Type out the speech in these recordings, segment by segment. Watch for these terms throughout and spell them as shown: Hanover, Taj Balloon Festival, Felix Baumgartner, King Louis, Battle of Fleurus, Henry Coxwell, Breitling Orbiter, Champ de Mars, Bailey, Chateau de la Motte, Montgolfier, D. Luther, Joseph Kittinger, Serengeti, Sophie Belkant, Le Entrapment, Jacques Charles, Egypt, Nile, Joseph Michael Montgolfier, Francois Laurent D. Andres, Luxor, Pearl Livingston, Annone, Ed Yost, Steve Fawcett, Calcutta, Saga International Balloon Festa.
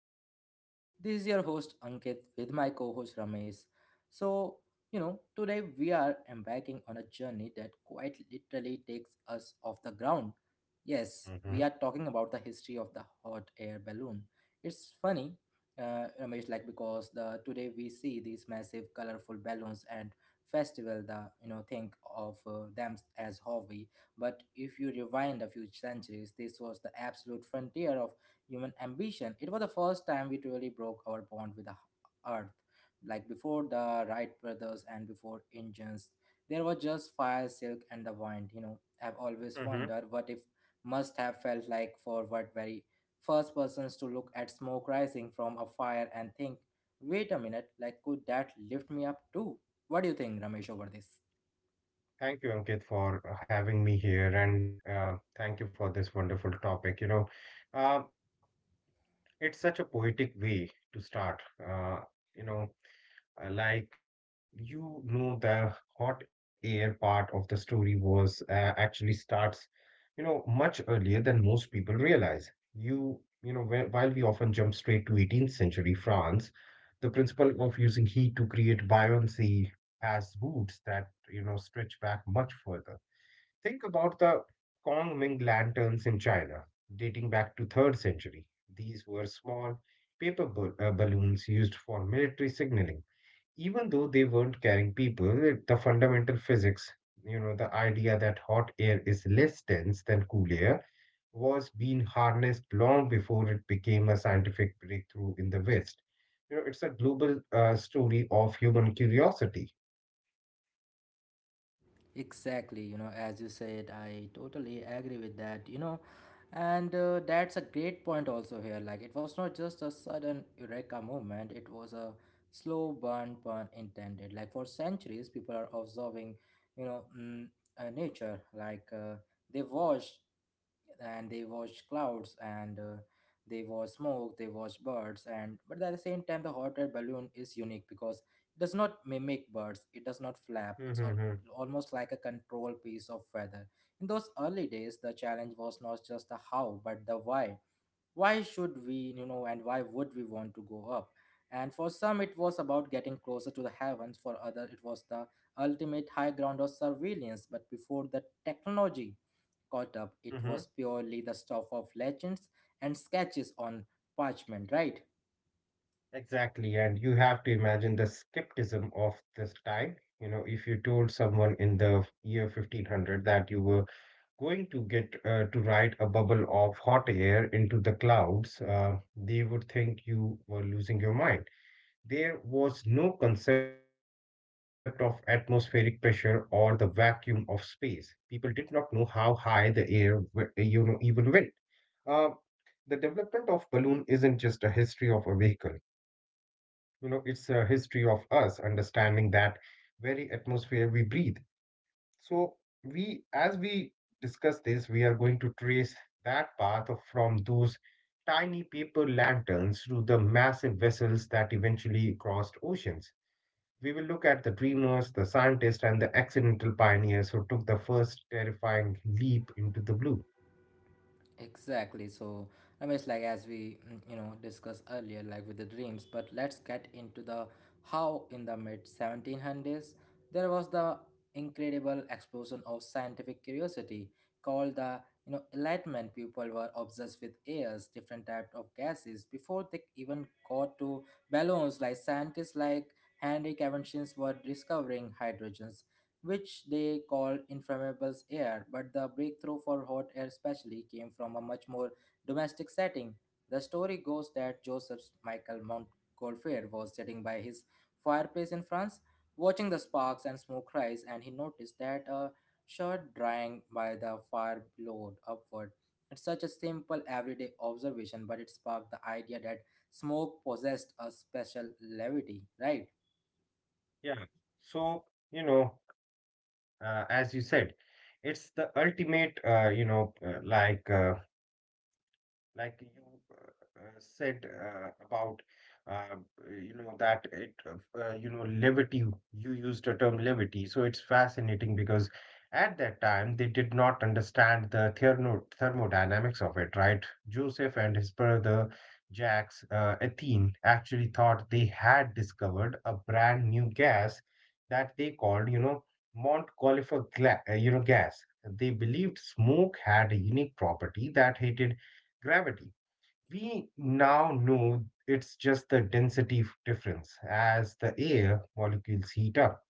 our podcast. This is your host Ankit with my co-host Ramesh. So, Today we are embarking on a journey that quite literally takes us off the ground. Yes, we are Mm-hmm. talking about the history of the hot air balloon. It's funny, Ramesh, like because the today we see these massive colorful balloons and festival the think of them as hobby, but if you rewind a few centuries, this was the absolute frontier of human ambition. It was the first time we truly broke our bond with the earth. Like before the Wright brothers and before engines, there was just fire, silk, and the wind. You know, I've always Mm-hmm. wondered what if must have felt like for what very first persons to look at smoke rising from a fire and think, wait a minute, like could that lift me up too? What do you think, Ramesh, over this? Thank you, Ankit, for having me here, and thank you for this wonderful topic. You know, uh, it's such a poetic way to start. You know, like you know, the hot air part of the story was actually starts, you know, much earlier than most people realize. While we often jump straight to 18th century France, the principle of using heat to create buoyancy has roots that, you know, stretch back much further. Think about the Kong Ming lanterns in China, dating back to 3rd century. These were small balloons used for military signaling. Even though they weren't carrying people, the fundamental physics, you know, the idea that hot air is less dense than cool air, was being harnessed long before it became a scientific breakthrough in the West. You know, it's a global story of human curiosity. Exactly, you know, as you said, I totally agree with that, and that's a great point also here. Like, it was not just a sudden eureka moment, it was a slow burn, pun intended. Like, for centuries, people are observing, you know, mm, nature, they watch and they watch clouds and they watch smoke, they watch birds, and but at the same time the hot air balloon is unique because it does not mimic birds, it does not flap, it's all Mm-hmm. almost like a control piece of weather. In those early days, the challenge was not just the how, but the why. Why should we, and why would we want to go up? And for some, it was about getting closer to the heavens. For others, it was the ultimate high ground of surveillance. But before the technology caught up, it was purely the stuff of legends and sketches on parchment, right? Exactly, and you have to imagine the skepticism of this time. You know, if you told someone in the year 1500 that you were going to get to ride a bubble of hot air into the clouds, they would think you were losing your mind. There was no concept of atmospheric pressure or the vacuum of space. People did not know how high the you know, even went. Uh, the development of balloon isn't just a history of a vehicle, you know, it's a history of us understanding that very atmosphere we breathe. So, we discuss this, we are going to trace that path of from those tiny paper lanterns to the massive vessels that eventually crossed oceans. We will look at the dreamers, the scientists, and the accidental pioneers who took the first terrifying leap into the blue. Exactly. So, Ramesh, like as we discussed earlier, like with the dreams, but let's get into the how. In the mid 1700s there was the incredible explosion of scientific curiosity called the enlightenment. People were obsessed with airs, different types of gases before they even got to balloons. Like scientists like Henry Cavendish's were discovering hydrogens, which they called inflammables air, but the breakthrough for hot air especially came from a much more domestic setting. The story goes that Joseph Michael Montgolfier was sitting by his fireplace in France, watching the sparks and smoke rise, and he noticed that a shirt drying by the fire glowed upward. It's such a simple everyday observation, but it sparked the idea that smoke possessed a special levity, right? Yeah. So, you know, as you said, it's the ultimate, you know, like you said about uh, you know that it you know levity. You used the term levity, so it's fascinating because at that time they did not understand the thermodynamics of it, right? Joseph and his brother Jacques Etienne actually thought they had discovered a brand new gas that they called, you know, Montgolfier gas. They believed smoke had a unique property that heated gravity. We now know it's just the density difference. As the air molecules heat up,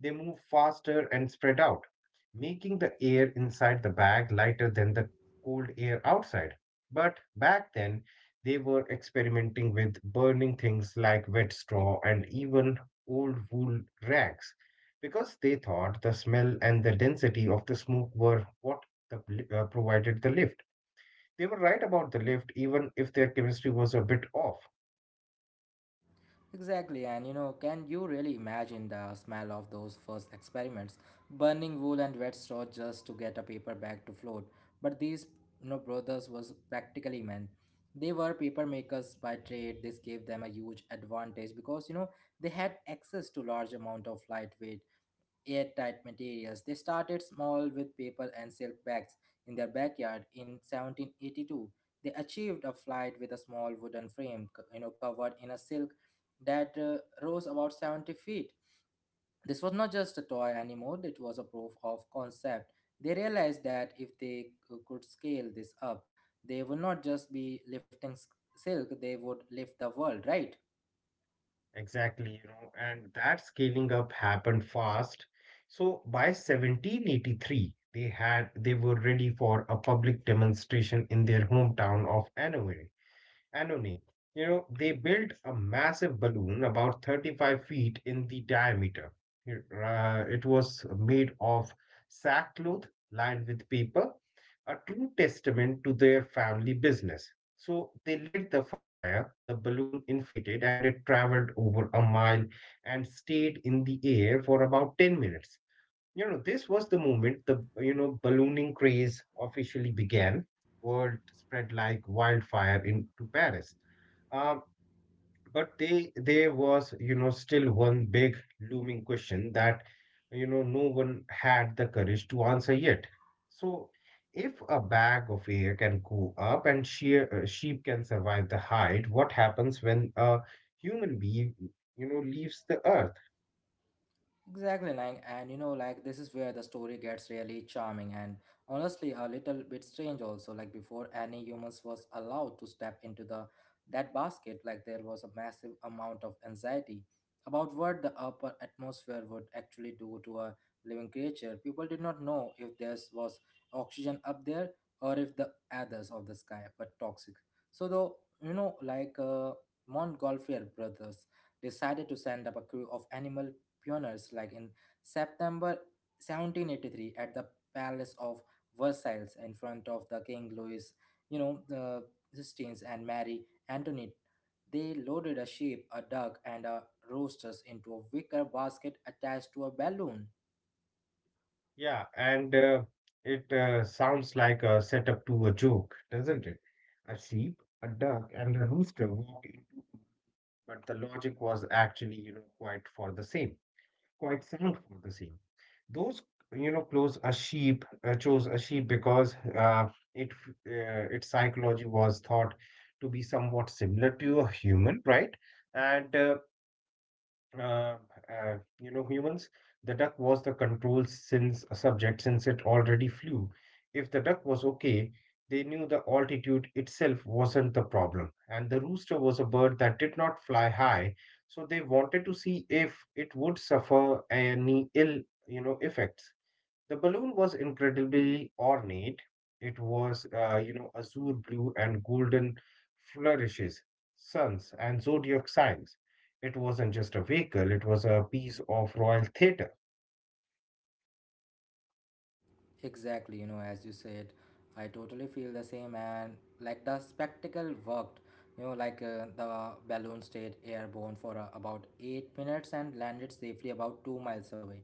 they move faster and spread out, making the air inside the bag lighter than the cold air outside. But back then, they were experimenting with burning things like wet straw and even old wool rags because they thought the smell and the density of the smoke were what, the, provided the lift. They were right about the lift, even if their chemistry was a bit off. Exactly, and you know, can you really imagine the smell of those first experiments? Burning wool and wet straw just to get a paper bag to float. But these brothers was practically men. They were paper makers by trade. This gave them a huge advantage because they had access to large amount of lightweight airtight materials. They started small with paper and silk bags in their backyard in 1782. They achieved a flight with a small wooden frame, covered in a silk that rose about 70 feet. This was not just a toy anymore, it was a proof of concept. They realized that if they could scale this up, they would not just be lifting silk, they would lift the world, right? Exactly, you know, and that scaling up happened fast. So by 1783, they were ready for a public demonstration in their hometown of Hanover. Annone. You know, they built a massive balloon about 35 feet in the diameter. It was made of sackcloth lined with paper, a true testament to their family business. So they lit the fire, the balloon inflated, and it traveled over a mile and stayed in the air for about 10 minutes. You know, this was the moment ballooning craze officially began. Word spread like wildfire into Paris. Um, there was, you know, still one big looming question that, you know, no one had the courage to answer yet. So, if a bag of air can go up and sheep can survive the height, what happens when a human being, you know, leaves the earth? Exactly, like, and you know, like, this is where the story gets really charming and honestly a little bit strange also. Like, before any humans was allowed to step into the that basket, like, there was a massive amount of anxiety about what the upper atmosphere would actually do to a living creature. People did not know if there was oxygen up there or if the others of the sky were toxic. So, though, you know, like, uh, Montgolfier brothers decided to send up a crew of animal pioneers, like in September 1783 at the Palace of Versailles in front of the King Louis, the Sistines and Mary Antoinette. They loaded a sheep, a duck, and a roosters into a wicker basket attached to a balloon. Yeah, and it sounds like a setup to a joke, doesn't it? A sheep, a duck, and a rooster walk into, but the logic was actually, you know, quite for the same, quite sound for the same. Those, you know, chose a sheep because its psychology was thought to be somewhat similar to a human, right? And uh, you know, humans, the duck was the control since a subject since it already flew. If the duck was okay, they knew the altitude itself wasn't the problem. And the rooster was a bird that did not fly high, so they wanted to see if it would suffer any ill, you know, effects. The balloon was incredibly ornate. It was, you know, azure blue and golden flourishes, suns, and zodiac signs. It wasn't just a vehicle, it was a piece of royal theater. Exactly, you know, as you said, I totally feel the same. And like the spectacle worked, the balloon stayed airborne for about 8 minutes and landed safely about 2 miles away.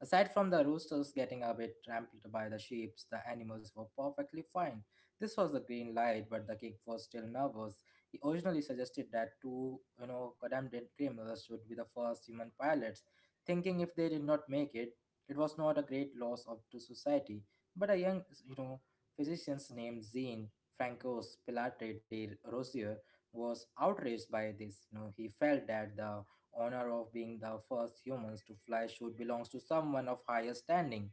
Aside from the roosters getting a bit trampled by the sheep, the animals were perfectly fine. This was a green light, but the king was still nervous. He originally suggested that two, condemned criminals would be the first human pilots, thinking if they did not make it, it was not a great loss of, to society, but a young, physician named Jean Francos Pilatre de Rosier was outraged by this. You know, he felt that the honor of being the first humans to fly should belong to someone of higher standing.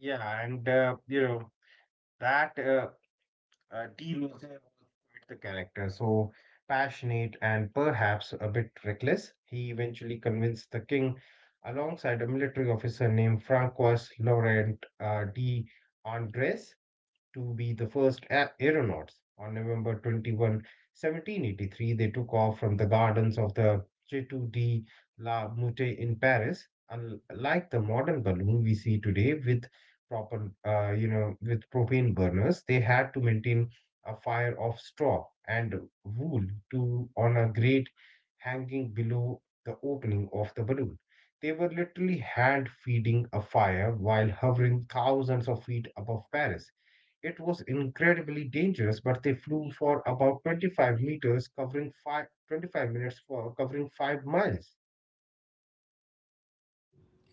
Yeah, and, you know, that D. Luther was quite the character. So passionate and perhaps a bit reckless, he eventually convinced the king alongside a military officer named Francois Laurent D. Andres to be the first aeronauts. On November 21, 1783, they took off from the gardens of the Chateau de la Motte in Paris. Unlike the modern balloon we see today with proper, you know, with propane burners, they had to maintain a fire of straw and wool to on a grate hanging below the opening of the balloon. They were literally hand feeding a fire while hovering thousands of feet above Paris. It was incredibly dangerous, but they flew for about 25 meters, covering 5:25 minutes for covering 5 miles.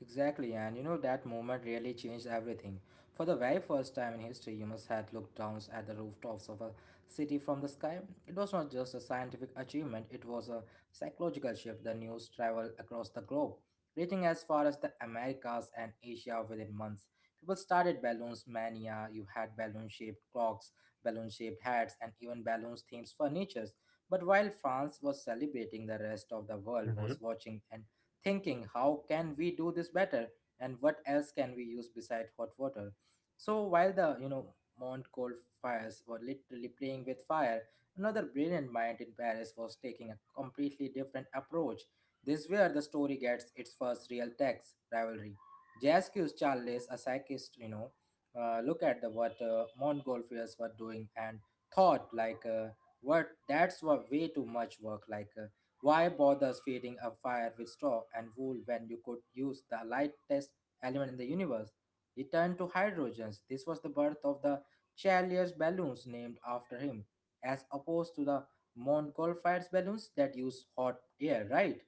Exactly, and you know that moment really changed everything. For the very first time in history, humans had looked down at the rooftops of a city from the sky. It was not just a scientific achievement, it was a psychological shift. The news traveled across the globe, reaching as far as the Americas and Asia within months. People started balloons mania. You had balloon shaped clocks, balloon shaped hats, and even balloons themed furnitures. But while France was celebrating, the rest of the world was watching and thinking how can we do this better and what else can we use beside hot water. So while the mont coal fires were literally playing with fire, another brilliant mind in Paris was taking a completely different approach. This where the story gets its first real text rivalry. Jasques Charles, a psychist, look at the what montgolfiers were doing and thought like what that's what way too much work. Why bother feeding a fire with straw and wool when you could use the lightest element in the universe? He turned to hydrogens. This was the birth of the Chalier's balloons named after him, as opposed to the Montgolfier's balloons that use hot air, right?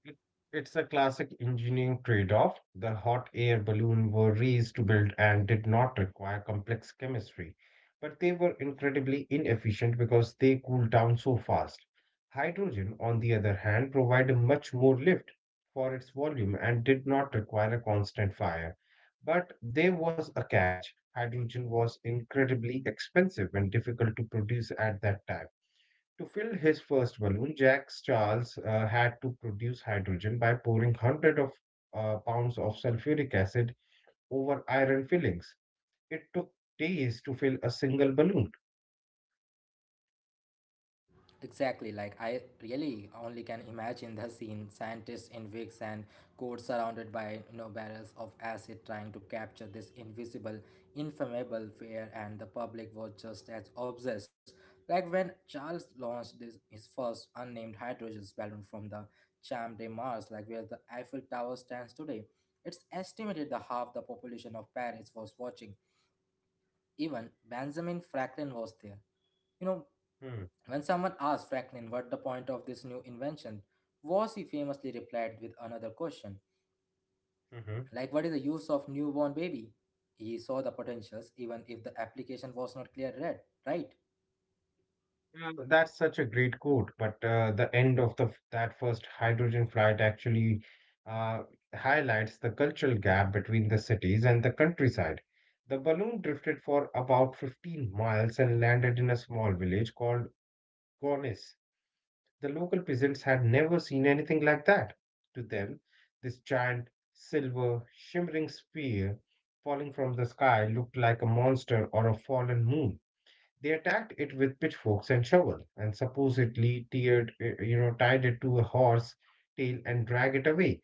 It- It's a classic engineering trade-off. The hot air balloon were raised to build and did not require complex chemistry, but they were incredibly inefficient because they cooled down so fast. Hydrogen, on the other hand, provided much more lift for its volume and did not require a constant fire. But there was a catch. Hydrogen was incredibly expensive and difficult to produce at that time. To fill his first balloon, Jacques Charles had to produce hydrogen by pouring hundreds of pounds of sulfuric acid over iron fillings. It took days to fill a single balloon. Exactly, like I really only can imagine the scene scientists in wigs and coats surrounded by barrels of acid trying to capture this invisible, inflammable fear, and the public was just as obsessed. Like when Charles launched this, his first unnamed hydrogen balloon from the Champ de Mars, like where the Eiffel Tower stands today, it's estimated that half the population of Paris was watching. Even Benjamin Franklin was there. You know, Hmm. when someone asked Franklin what the point of this new invention was, he famously replied with another question, Mhm. like what is the use of newborn baby? He saw the potentials even if the application was not clear read, right? Yeah, but That's such a great quote, but the end of the that first hydrogen flight actually uh, highlights the cultural gap between the cities and the countryside. The balloon drifted for about 15 miles and landed in a small village called Gonis. The local peasants had never seen anything like that. To them, this giant, silver, shimmering sphere falling from the sky looked like a monster or a fallen moon. They attacked it with pitchforks and shovel, and supposedly tiered, you know, tied it to a horse tail and drag it away.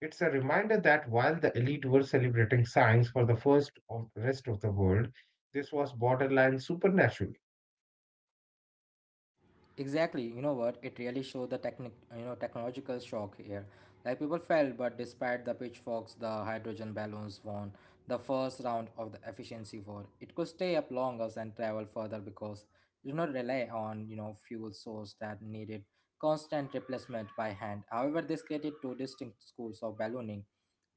It's a reminder that while the elite were celebrating science for the first of rest of the world, this was borderline supernatural. Exactly, you know what? It really showed the technological shock here. Like people fell, but despite the pitchforks, the hydrogen balloons won the first round of the efficiency war. It could stay up longer and travel further because it did not rely on, fuel source that needed constant replacement by hand. However, this created two distinct schools of ballooning.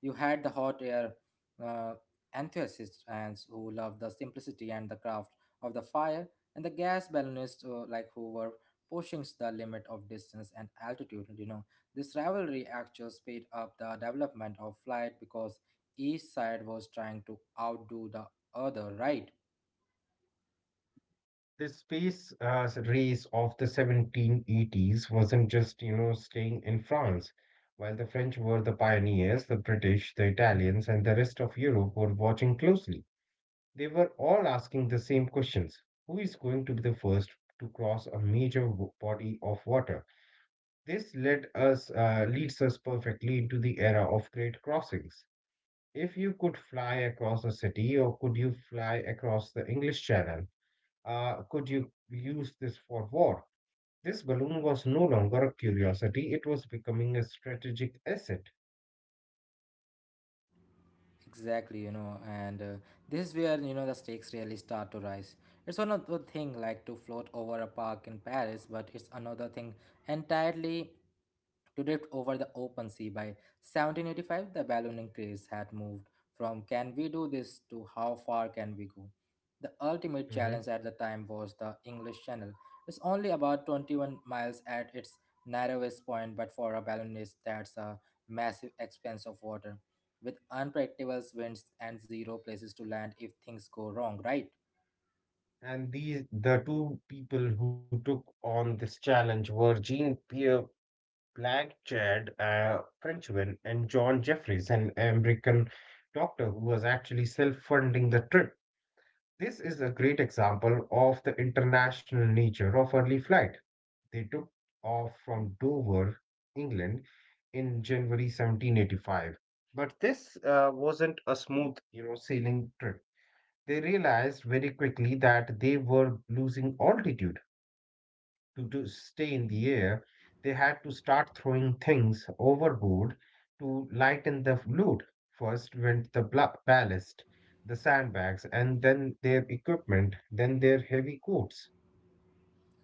You had the hot air uh, enthusiasts and who loved the simplicity and the craft of the fire, and the gas balloonists who were pushing the limit of distance and altitude. You know, this rivalry actually sped up the development of flight because each side was trying to outdo the other, right? The space race of the 1780s wasn't just, you know, staying in France. While the French were the pioneers, the British, the Italians, and the rest of Europe were watching closely. They were all asking the same questions. Who is going to be the first to cross a major body of water? This leads us perfectly into the era of great crossings. If you could fly across a city, or could you fly across the English Channel? Uh, could you use this for war? This balloon was no longer a curiosity, it was becoming a strategic asset. Exactly, you know, and this is where you know the stakes really start to rise. It's one of the thing like to float over a park in Paris, but it's another thing entirely to drift over the open sea. By 1785, the ballooning craze had moved from "Can we do this?" to "How far can we go?" The ultimate Mhm. challenge at the time was the English Channel. It's only about 21 miles at its narrowest point, but for a balloonist, that's a massive expanse of water with unpredictable winds and zero places to land if things go wrong, right? And these the two people who took on this challenge were Jean Pierre Black Chad, a Frenchman, and John Jeffries, an American doctor who was actually self funding the trip. This is a great example of the international nature of early flight. They took off from Dover, England, in January 1785. But this wasn't a smooth, you know, sailing trip. They realized very quickly that they were losing altitude. To stay in the air, they had to start throwing things overboard to lighten the load. First went the ballast, the sandbags, and then their equipment, then their heavy coats.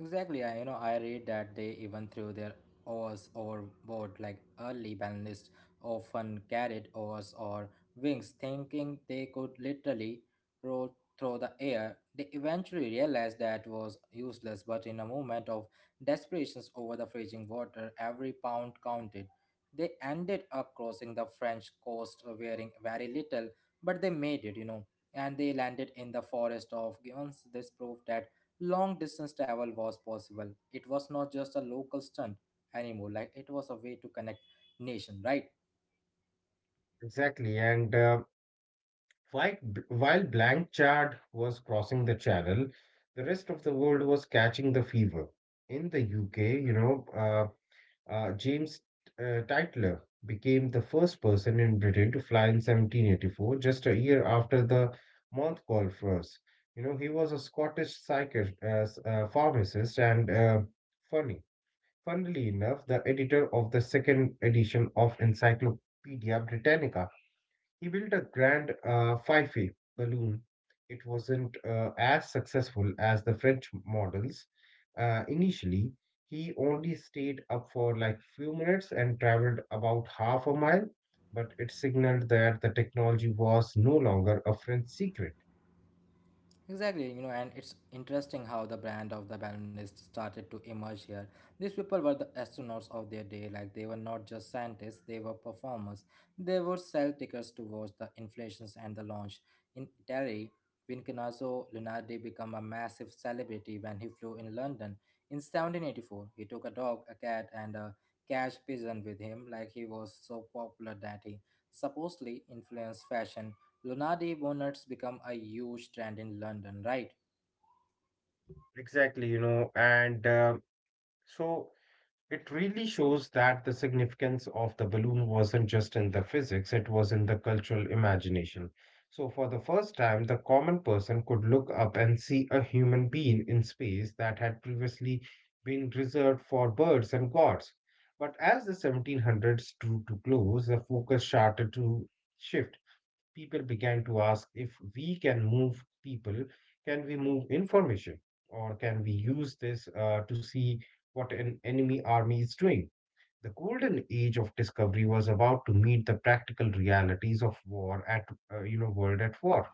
Exactly, I read that they even threw their oars overboard like early balanists often carried oars or wings, thinking they could literally roll through the air. They eventually realized that was useless, but in a moment of desperation over the freezing water, every pound counted. They ended up crossing the French coast wearing very little, but they made it, you know, and they landed in the forest of Givens. This proved that long distance travel was possible. It was not just a local stunt anymore, like it was a way to connect nation, right? Exactly. And while, while Blanchard was crossing the channel, the rest of the world was catching the fever. In the UK, James Titler became the first person in Britain to fly in 1784, just a year after the Montcalm first. You know, he was a Scottish psychiatrist, pharmacist, and funny. Funnily enough, the editor of the second edition of Encyclopedia Britannica. He built a grand Fife balloon. It wasn't as successful as the French models. Initially, he only stayed up for like few minutes and traveled about half a mile, but it signaled that the technology was no longer a French secret. Exactly, you know, and it's interesting how the brand of the balloonist started to emerge here. These people were the astronauts of their day. Like, they were not just scientists, they were performers. They would sell tickets to watch the inflations and the launch. In Italy, Vincenzo Lunardi became a massive celebrity when he flew in London in 1784. He took a dog, a cat, and a cash pigeon with him. Like, he was so popular that he supposedly influenced fashion. Lunardi bonnets become a huge trend in London, right? Exactly, you know, and so it really shows that the significance of the balloon wasn't just in the physics, it was in the cultural imagination. So, for the first time, the common person could look up and see a human being in space that had previously been reserved for birds and gods. But as the 1700s drew to close, the focus started to shift. People began to ask, if we can move people, can we move information? Or can we use this to see what an enemy army is doing? The golden age of discovery was about to meet the practical realities of war at, world at war.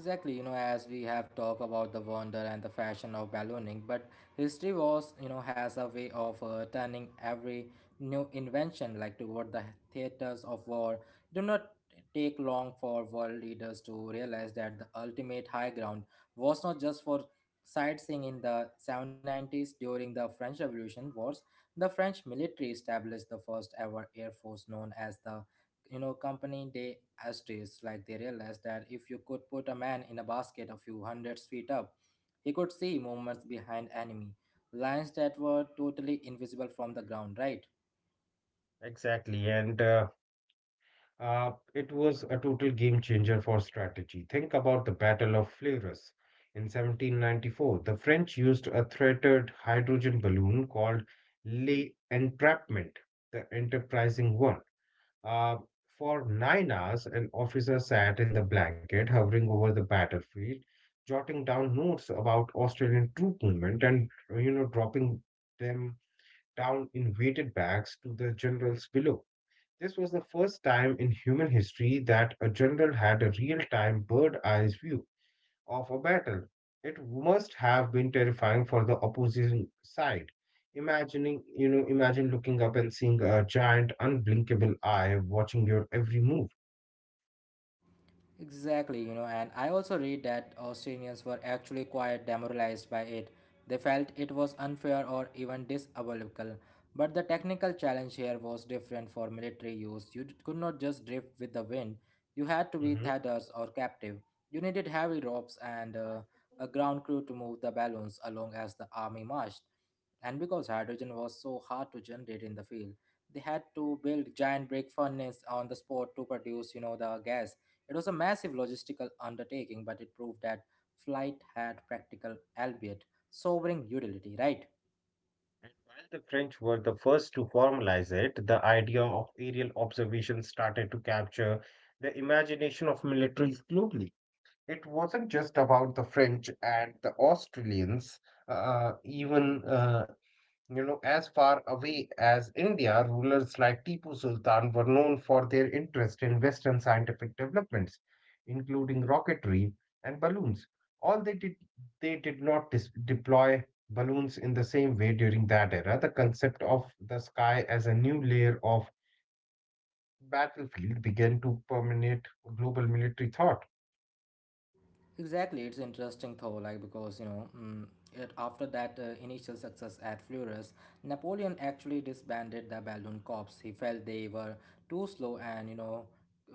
Exactly, you know, as we have talked about the wonder and the fashion of ballooning, but history was, has a way of turning every new invention like toward the theaters of war. Do not take long for world leaders to realize that the ultimate high ground was not just for sightseeing in the 1790s during the French Revolution wars. The French military established the first ever air force known as the company day asterisk. Like, they realized that if you could put a man in a basket a few hundreds feet up, he could see movements behind enemy lines that were totally invisible from the ground, right? Exactly. And it was a total game changer for strategy. Think about the Battle of Fleurus. In 1794, the French used a threaded hydrogen balloon called Le Entrapment, the enterprising one. Uh, for 9 hours, an officer sat in the blanket, hovering over the battlefield, jotting down notes about Australian troop movement and, you know, dropping them down in weighted bags to the generals below. This was the first time in human history that a general had a real time birds eye view of a battle. It must have been terrifying for the opposing side. Imagine looking up and seeing a giant, unblinkable eye watching your every move. Exactly, you know, and I also read that Australians were actually quite demoralized by it. They felt it was unfair or even diabolical. But the technical challenge here was different for military use. Could not just drift with the wind, you had to be Mhm. tethers or captive. You needed heavy ropes and a ground crew to move the balloons along as the army marched. And because hydrogen was so hard to generate in the field, they had to build giant brick furnaces on the spot to produce, you know, the gas. It was a massive logistical undertaking, but it proved that flight had practical, albeit sobering, utility, right? And while the French were the first to formalize it, the idea of aerial observation started to capture the imagination of militaries globally. It wasn't just about the French and the Australians, even you know, as far away as India, rulers like Tipu Sultan were known for their interest in Western scientific developments, including rocketry and balloons. All they did not deploy balloons in the same way during that era. The concept of the sky as a new layer of battlefield began to permeate global military thought. Exactly, it's interesting though. Like, because after that initial success at Fleurus, Napoleon actually disbanded the Balloon Corps. He felt they were too slow and, you know,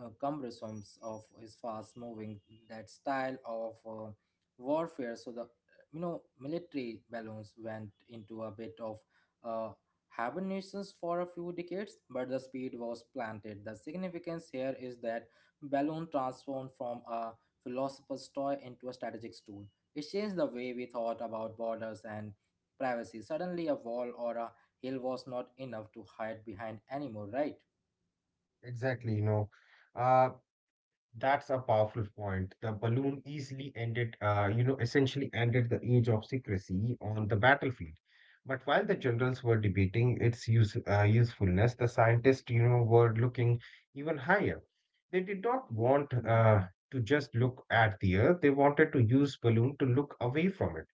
cumbersome of his fast-moving, that style of warfare. So the, you know, military balloons went into a bit of uh, hibernations for a few decades, but the speed was planted. The significance here is that balloon transformed from a philosopher's toy into a strategic tool. It changed the way we thought about borders and privacy. Suddenly, a wall or a hill was not enough to hide behind anymore, right? Exactly, you know. Uh, That's a powerful point. The balloon easily ended, essentially ended the age of secrecy on the battlefield. But while the generals were debating its usefulness, the scientists, you know, were looking even higher. They did not want to just look at the Earth. They wanted to use balloon to look away from it.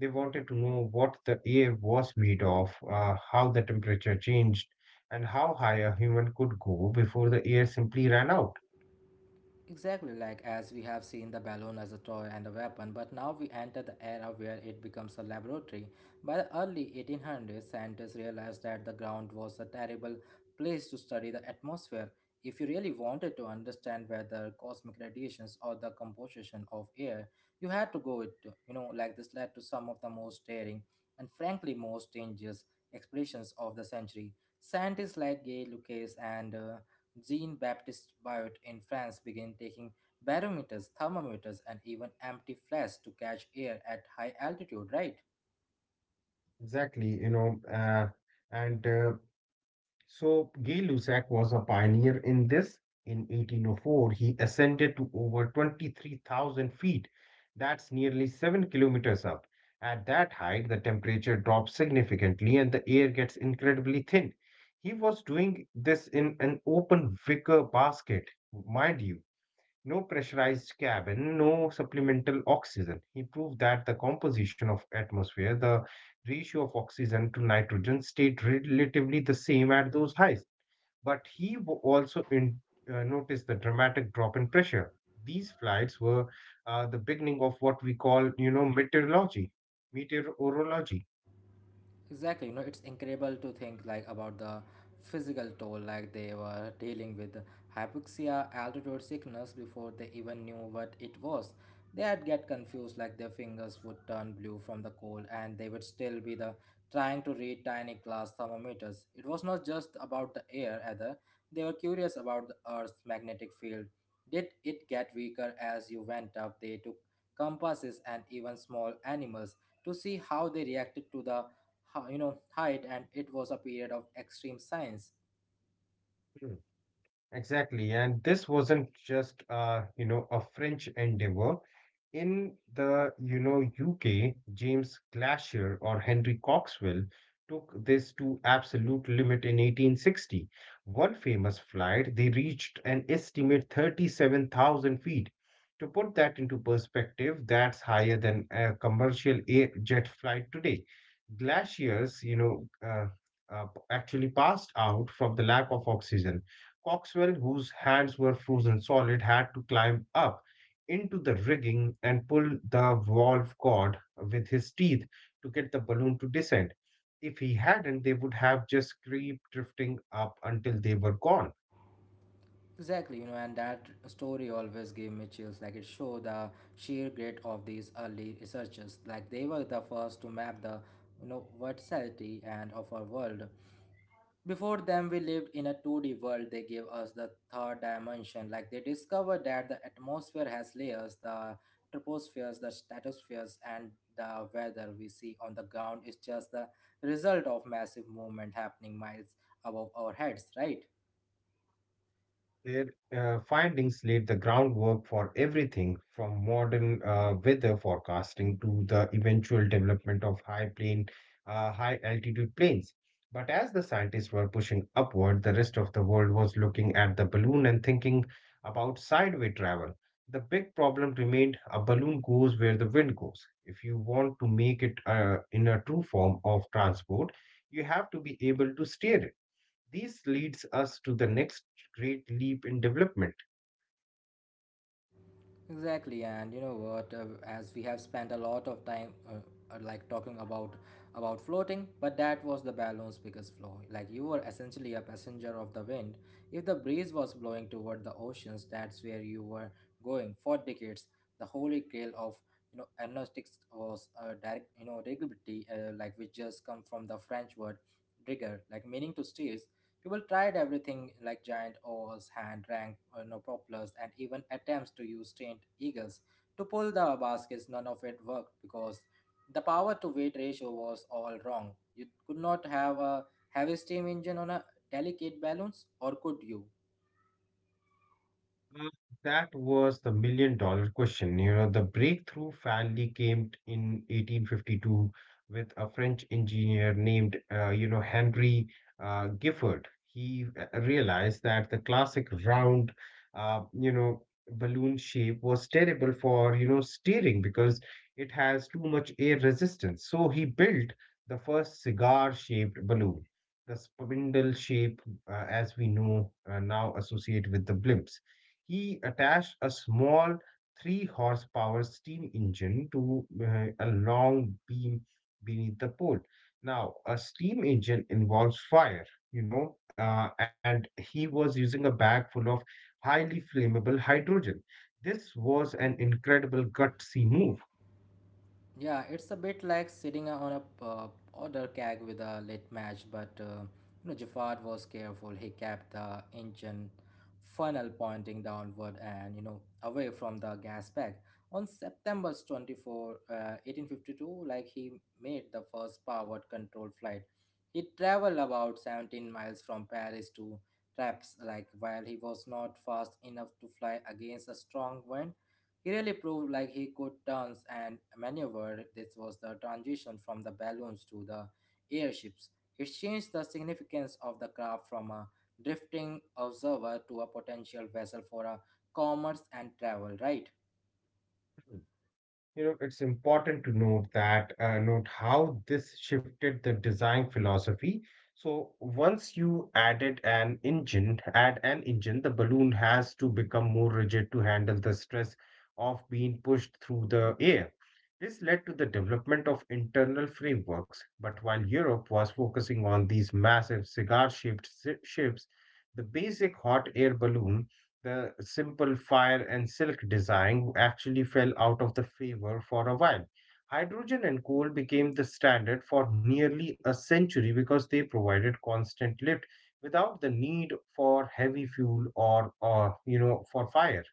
They wanted to know what the air was made of, how the temperature changed, and how high a human could go before the air simply ran out. Exactly, like as we have seen the balloon as a toy and a weapon, but now we enter the era where it becomes a laboratory. By the early 1800s, scientists realized that the ground was a terrible place to study the atmosphere. If you really wanted to understand whether cosmic radiations or the composition of air, you had to go it, to, you know, like this led to some of the most daring and frankly most dangerous expeditions of the century. Scientists like Gay Lucas and Jean Baptiste Biot in France began taking barometers, thermometers, and even empty flasks to catch air at high altitude, right? Exactly, you know, and so Gay Lussac was a pioneer in this. In 1804, he ascended to over 23,000 feet. That's nearly 7 kilometers up. At that height, the temperature drops significantly and the air gets incredibly thin. He was doing this in an open wicker basket, mind you, no pressurized cabin, no supplemental oxygen. He proved that the composition of atmosphere, the ratio of oxygen to nitrogen stayed relatively the same at those highs. But he also noticed the dramatic drop in pressure. These flights were the beginning of what we call, you know, meteorology. Exactly, you know, it's incredible to think, like, about the physical toll. Like, they were dealing with hypoxia, altitude sickness, before they even knew what it was. They'd get confused, like their fingers would turn blue from the cold, and they would still be the trying to read tiny glass thermometers. It was not just about the air either. They were curious about the earth's magnetic field. Did it get weaker as you went up? They took compasses and even small animals to see how they reacted to the height. And it was a period of extreme science. Exactly. And this wasn't just a French endeavor. In the, you know, UK, James Glasher or Henry Coxwell took this to absolute limit in 1860. One famous flight, they reached an estimate 37,000 feet. To put that into perspective, that's higher than a commercial air jet flight today. Glaciers, actually passed out from the lack of oxygen. Coxwell, whose hands were frozen solid, had to climb up into the rigging and pull the valve cord with his teeth to get the balloon to descend. If he hadn't, they would have just crept drifting up until they were gone. Exactly, you know, and that story always gave me chills. Like, it showed the sheer grit of these early researchers. Like, they were the first to map the, you know, versatility and of our world. Before them, we lived in a 2D world. They gave us the third dimension. Like, they discovered that the atmosphere has layers, the tropospheres, the stratospheres, and the weather we see on the ground is just the result of massive movement happening miles above our heads, right? Their findings laid the groundwork for everything from modern weather forecasting to the eventual development of high altitude planes. But as the scientists were pushing upward, the rest of the world was looking at the balloon and thinking about sideway travel. The big problem remained, a balloon goes where the wind goes. If you want to make it in a true form of transport, you have to be able to steer it. This leads us to the next great leap in development. Exactly, and you know what? As we have spent a lot of time, like talking about floating, but that was the balloon's biggest flaw. Like, you were essentially a passenger of the wind. If the breeze was blowing toward the oceans, that's where you were going. For decades, the holy grail of, you know, agnostics was direct, you know, rigidity, like which just come from the French word rigor, like meaning to steer. People tried everything like giant oars, hand-ranked, you know, propellers, and even attempts to use trained eagles to pull the baskets. None of it worked because the power-to-weight ratio was all wrong. You could not have a heavy steam engine on a delicate balloons, or could you? Uh, That was the million-dollar question. You know, the breakthrough finally came in 1852 with a French engineer named, Henry Gifford. He realized that the classic round, uh, you know, balloon shape was terrible for, you know, steering because it has too much air resistance. So he built the first cigar-shaped balloon, the spindle shape, as we know now associate with the blimps. He attached a small 3 horsepower steam engine to a long beam beneath the pole. Now, a steam engine involves fire, and he was using a bag full of highly flammable hydrogen. This was an incredible gutsy move. Yeah, it's a bit like sitting on a order keg with a late match, but you know Jafar was careful. He kept the engine funnel pointing downward and, you know, away from the gas bag. On September 24, 1852, like he made the first powered control flight. He traveled about 17 miles from Paris to Traps. Like, while he was not fast enough to fly against a strong wind, he really proved like he could dance and maneuver. This was the transition from the balloons to the airships. It changed the significance of the craft from a drifting observer to a potential vessel for a commerce and travel, right? You know, it's important to note that note how this shifted the design philosophy. So once you add an engine, the balloon has to become more rigid to handle the stress of being pushed through the air. This led to the development of internal frameworks. But while Europe was focusing on these massive cigar-shaped ships, the basic hot air balloon, the simple fire and silk design actually fell out of the favor for a while. Hydrogen and coal became the standard for nearly a century because they provided constant lift without the need for heavy fuel or you know, for fire.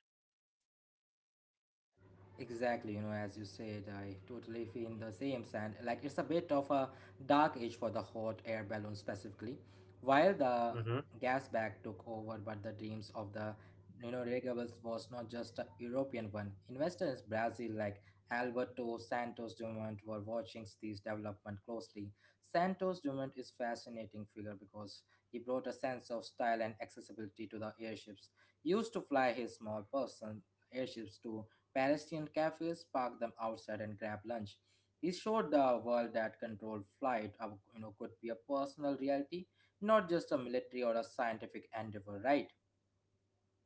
Exactly, you know, as you said, I totally feel the same sand. Like, it's a bit of a dark age for the hot air balloon specifically. While the Hmm. gas bag took over, but the dreams of the, you know, renewables was not just a European one. Investors in Brazil like Alberto Santos Dumont were watching these development closely. Santos Dumont is fascinating figure because he brought a sense of style and accessibility to the airships. Used to fly his small person airships to Parisian cafes, park them outside and grab lunch. He showed the world that controlled flight, you know, could be a personal reality, not just a military or a scientific endeavor, right?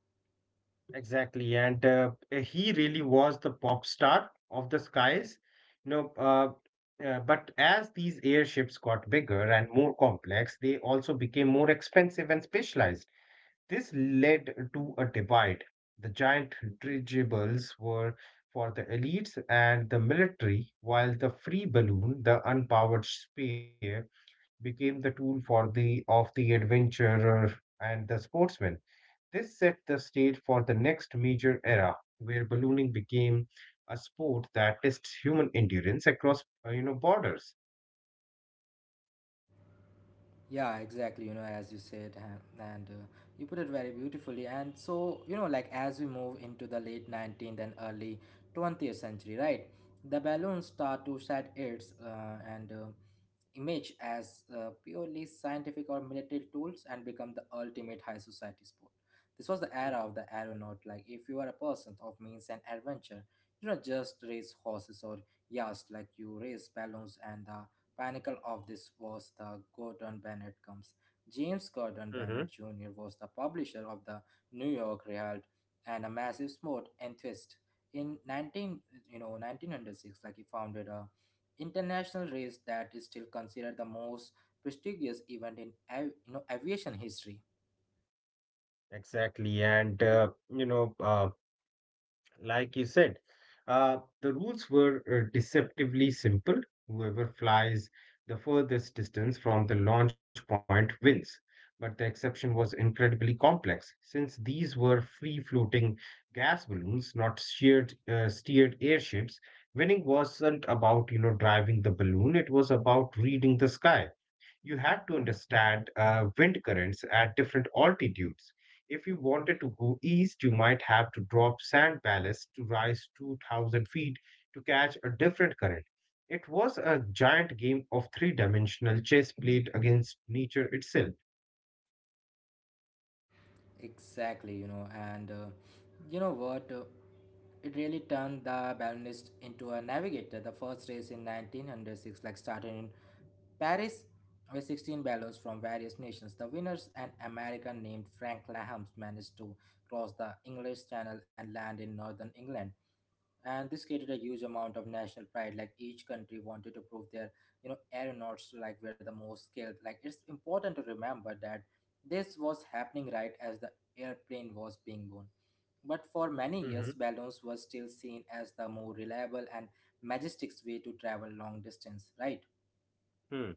Exactly, and he really was the pop star of the skies. You know, uh, but as these airships got bigger and more complex, they also became more expensive and specialized. This led to a divide. The giant dirigibles were for the elites and the military, while the free balloon, the unpowered sphere, became the tool for the of the adventurer and the sportsman. This set the stage for the next major era, where ballooning became a sport that tests human endurance across you know borders. Yeah, exactly. You know, as you said, ha- and you put it very beautifully. And so, you know, like as we move into the late 19th and early 20th century, right? The balloons start to shed its and image as purely scientific or military tools and become the ultimate high society sport. This was the Hmm. era of the aeronaut. Like, if you are a person of means and adventure, you don't just race horses or yachts, like you race balloons. And the pinnacle of this was the Gordon Bennett comes. James Gordon Mm-hmm. Bennett Jr. was the publisher of the New York Herald and a massive sport enthusiast. In 1906, like he founded a international race that is still considered the most prestigious event in aviation history. Exactly, and like you said, the rules were deceptively simple. Whoever flies the furthest distance from the launch point wins. But the exception was incredibly complex, since these were free floating gas balloons, not steered airships. Winning wasn't about you know driving the balloon; it was about reading the sky. You had to understand wind currents at different altitudes. If you wanted to go east, you might have to drop sand ballast to rise 2,000 feet to catch a different current. It was a giant game of three dimensional chess played against nature itself. Exactly, you know, and you know what it really turned the balloonist into a navigator. The first race in 1906, like started in Paris with 16 balloons from various nations. The winners, an American named Frank Lahams, managed to cross the English Channel and land in northern England. And this created a huge amount of national pride. Like, each country wanted to prove their, you know, aeronauts, like, were the most skilled. Like, it's important to remember that this was happening right as the airplane was being born, but for many years Hmm. balloons were still seen as the more reliable and majestic way to travel long distance, right? Hmm.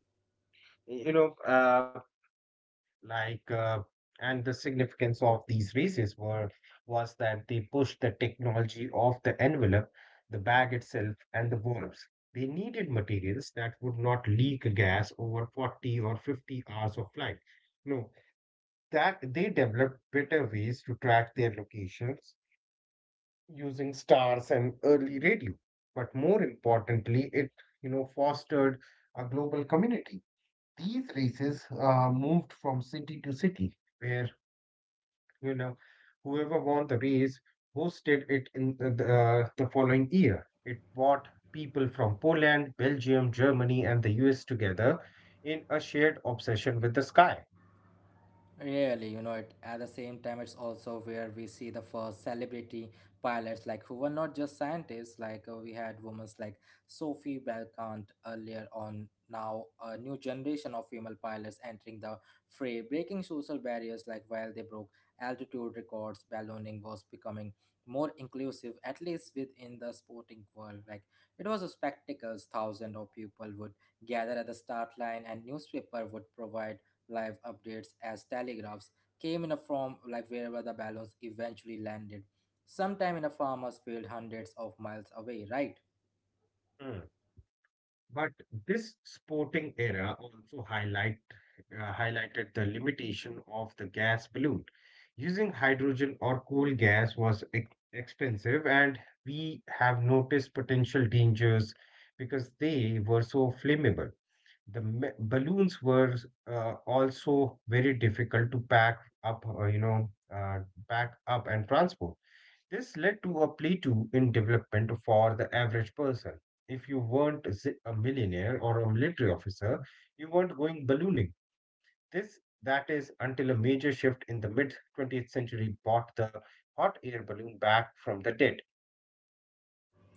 You know, uh, like uh, and the significance of these races were was that they pushed the technology of the envelope, the bag itself and the valves. They needed materials that would not leak gas over 40 or 50 hours of flight. No, that they developed better ways to track their locations using stars and early radio. But more importantly, it you know fostered a global community. These races moved from city to city where, you know, whoever won the race hosted it in the following year. It brought people from Poland, Belgium, Germany, and the US together in a shared obsession with the sky. Really, you know, at the same time, it's also where we see the first celebrity pilots, like who were not just scientists. Like, we had women like Sophie Belkant earlier on. Now, a new generation of female pilots entering the fray, breaking social barriers. Like, while they broke altitude records, ballooning was becoming more inclusive, at least within the sporting world. Like, it was a spectacle. Thousands of people would gather at the start line, and newspaper would provide live updates as telegraphs came in a form, like wherever the balloons eventually landed, sometime in a farmer's field hundreds of miles away, right? Hmm. But this sporting era also highlighted the limitation of the gas balloon. Using hydrogen or coal gas was expensive, and we have noticed potential dangers because they were so flammable. The balloons were also very difficult to pack up, pack up and transport. This led to a plateau in development for the average person. If you weren't a millionaire or a military officer, you weren't going ballooning. This, that is, until a major shift in the mid 20th century brought the hot air balloon back from the dead.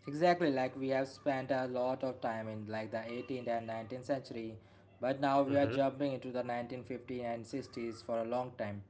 Exactly, like we have spent a lot of time in like the 18th and 19th century, but now we are Hmm. jumping into the 1950s and 60s. For a long time,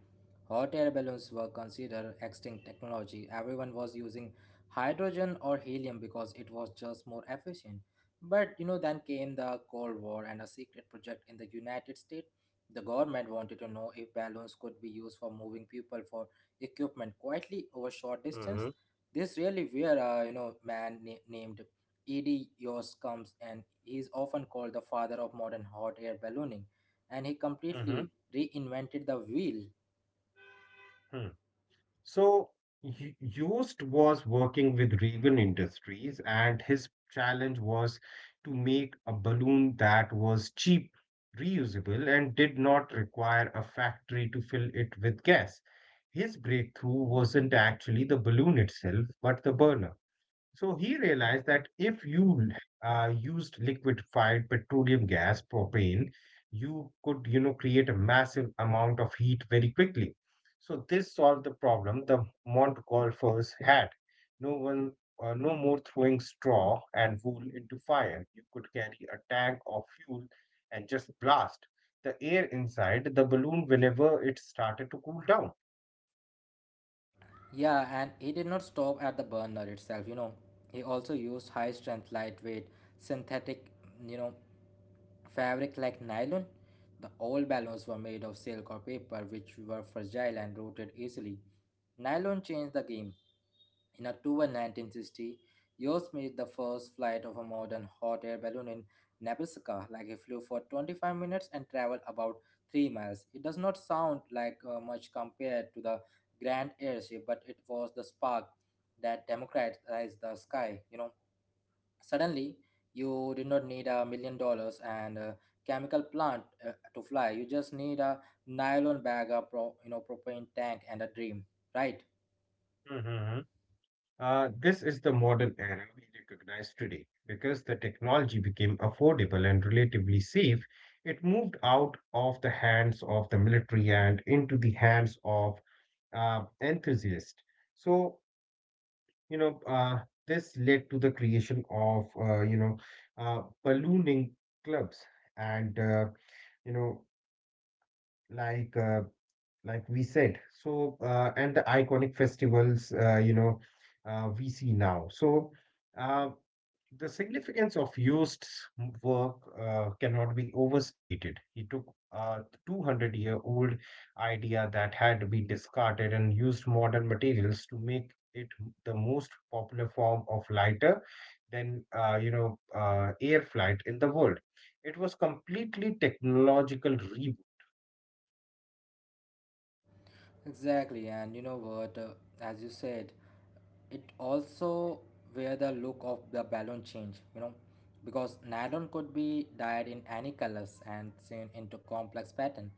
hot air balloons were considered extinct technology. Everyone was using hydrogen or helium because it was just more efficient. But you know, then came the Cold War and a secret project in the United States. The government wanted to know if balloons could be used for moving people for equipment quietly over short Hmm. distance. This really where a you know man na- named Ed Yost comes, and he is often called the father of modern hot air ballooning, and he completely reinvented the wheel. Hmm. So Yost was working with Reagan Industries, and his challenge was to make a balloon that was cheap, reusable, and did not require a factory to fill it with gas. His breakthrough wasn't actually the balloon itself, but the burner. So he realized that if you used liquefied petroleum gas, propane, you could, you know, create a massive amount of heat very quickly. So this solved the problem the Montgolfiers had. No one, no more throwing straw and wool into fire. You could carry a tank of fuel and just blast the air inside the balloon whenever it started to cool down. Yeah, and he did not stop at the burner itself. He also used high strength, lightweight, synthetic, you know, fabric like nylon. The old balloons were made of silk or paper, which were fragile and rotted easily. Nylon changed the game. In October 1960, Yost made the first flight of a modern hot air balloon in Nebraska. Like he flew for 25 minutes and traveled about 3 miles. It does not sound like much compared to the grand airship, but it was the spark that democratized the sky. Suddenly, you did not need a million dollars and a chemical plant to fly. You just need a nylon bag, a propane tank, and a dream, right? Mhm. This is the modern era we recognize today. Because the technology became affordable and relatively safe, it moved out of the hands of the military and into the hands of enthusiasts. So, you know, uh, this led to the creation of, ballooning clubs and, you know, like uh, like we said so and the iconic festivals we see now uh, the significance of Jost's work cannot be overstated. He took a 200-year-old idea that had been discarded and used modern materials to make it the most popular form of lighter than air flight in the world. It was completely technological reboot. Exactly, and you know what? As you said, it also where the look of the balloon change. You know, because nylon could be dyed in any colors and sewn into complex pattern.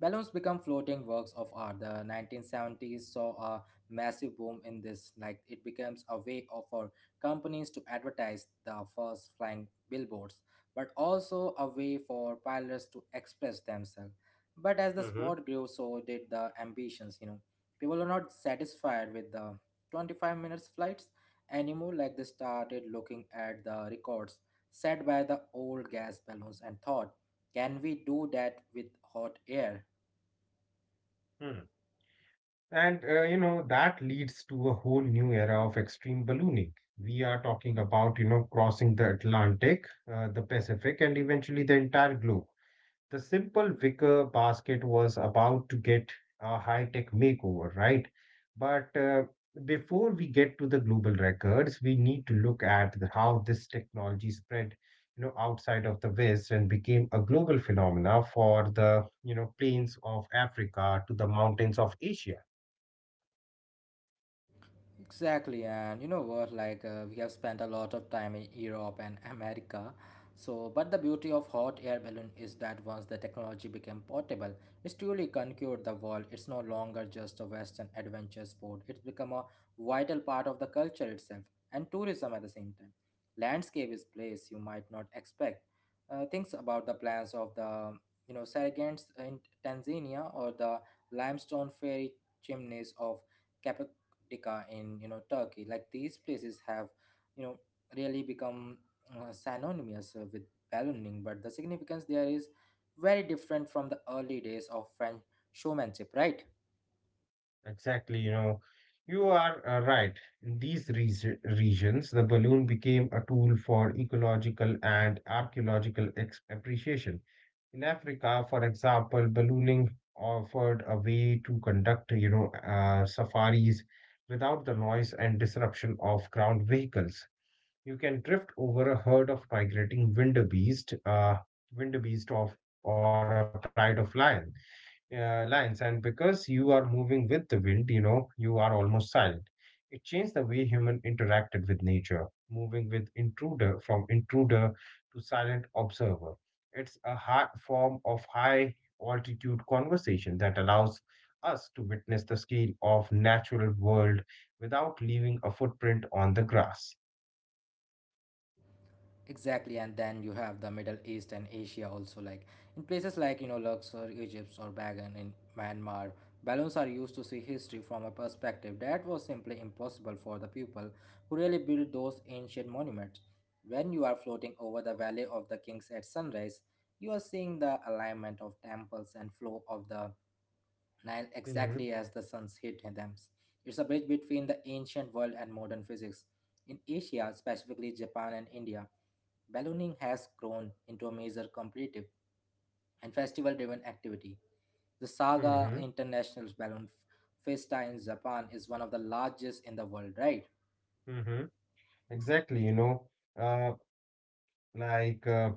Balloons become floating works of art. The 1970s saw a massive boom in this. Like it becomes a way of for companies to advertise the first flying billboards, but also a way for pilots to express themselves. But as the Hmm. sport grew, so did the ambitions, you know. People were not satisfied with the 25 minutes flights anymore, like they started looking at the records set by the old gas balloons and thought, can we do that with hot air? That leads to a whole new era of extreme ballooning. We are talking about, you know, crossing the Atlantic, the Pacific, and eventually the entire globe. The simple wicker basket was about to get a high-tech makeover, right? But Before we get to the global records, we need to look at how this technology spread, you know, outside of the West and became a global phenomena for the, you know, plains of Africa to the mountains of Asia. Exactly, and you know what? We have spent a lot of time in Europe and America. So, but the beauty of hot air balloon is that once the technology became portable, it's truly conquered the world. It's no longer just a Western adventure sport. It's become a vital part of the culture itself and tourism at the same time. Landscape is place you might not expect. Things about the plans of the Sargents in Tanzania or the limestone fairy chimneys of Cap- Antarctica in Turkey. Like these places have you know really become synonymous with ballooning, but the significance there is very different from the early days of French showmanship, right? Exactly, you know, you are right. In these regions, the balloon became a tool for ecological and archaeological appreciation. In Africa, for example, ballooning offered a way to conduct, you know, safaris without the noise and disruption of ground vehicles. You can drift over a herd of migrating wildebeest, or a pride of lions lines, and because you are moving with the wind, you know, you are almost silent. It changed the way human interacted with nature, moving with intruder from intruder to silent observer. It's a high form of high altitude conversation that allows us to witness the scale of natural world without leaving a footprint on the grass. Exactly, and then you have the Middle East and Asia also. Like in places like Luxor, Egypt, or Bagan in Myanmar, balloons are used to see history from a perspective that was simply impossible for the people who really built those ancient monuments. When you are floating over the Valley of the Kings at sunrise, you are seeing the alignment of temples and flow of the Nile exactly hmm as the suns hit them. It's a bridge between the ancient world and modern physics. In Asia, specifically Japan and India, ballooning has grown into a major competitive and festival driven activity. The Saga hmm International Balloon F- Festa in Japan is one of the largest in the world, right? hmm exactly, you know, uh, like uh,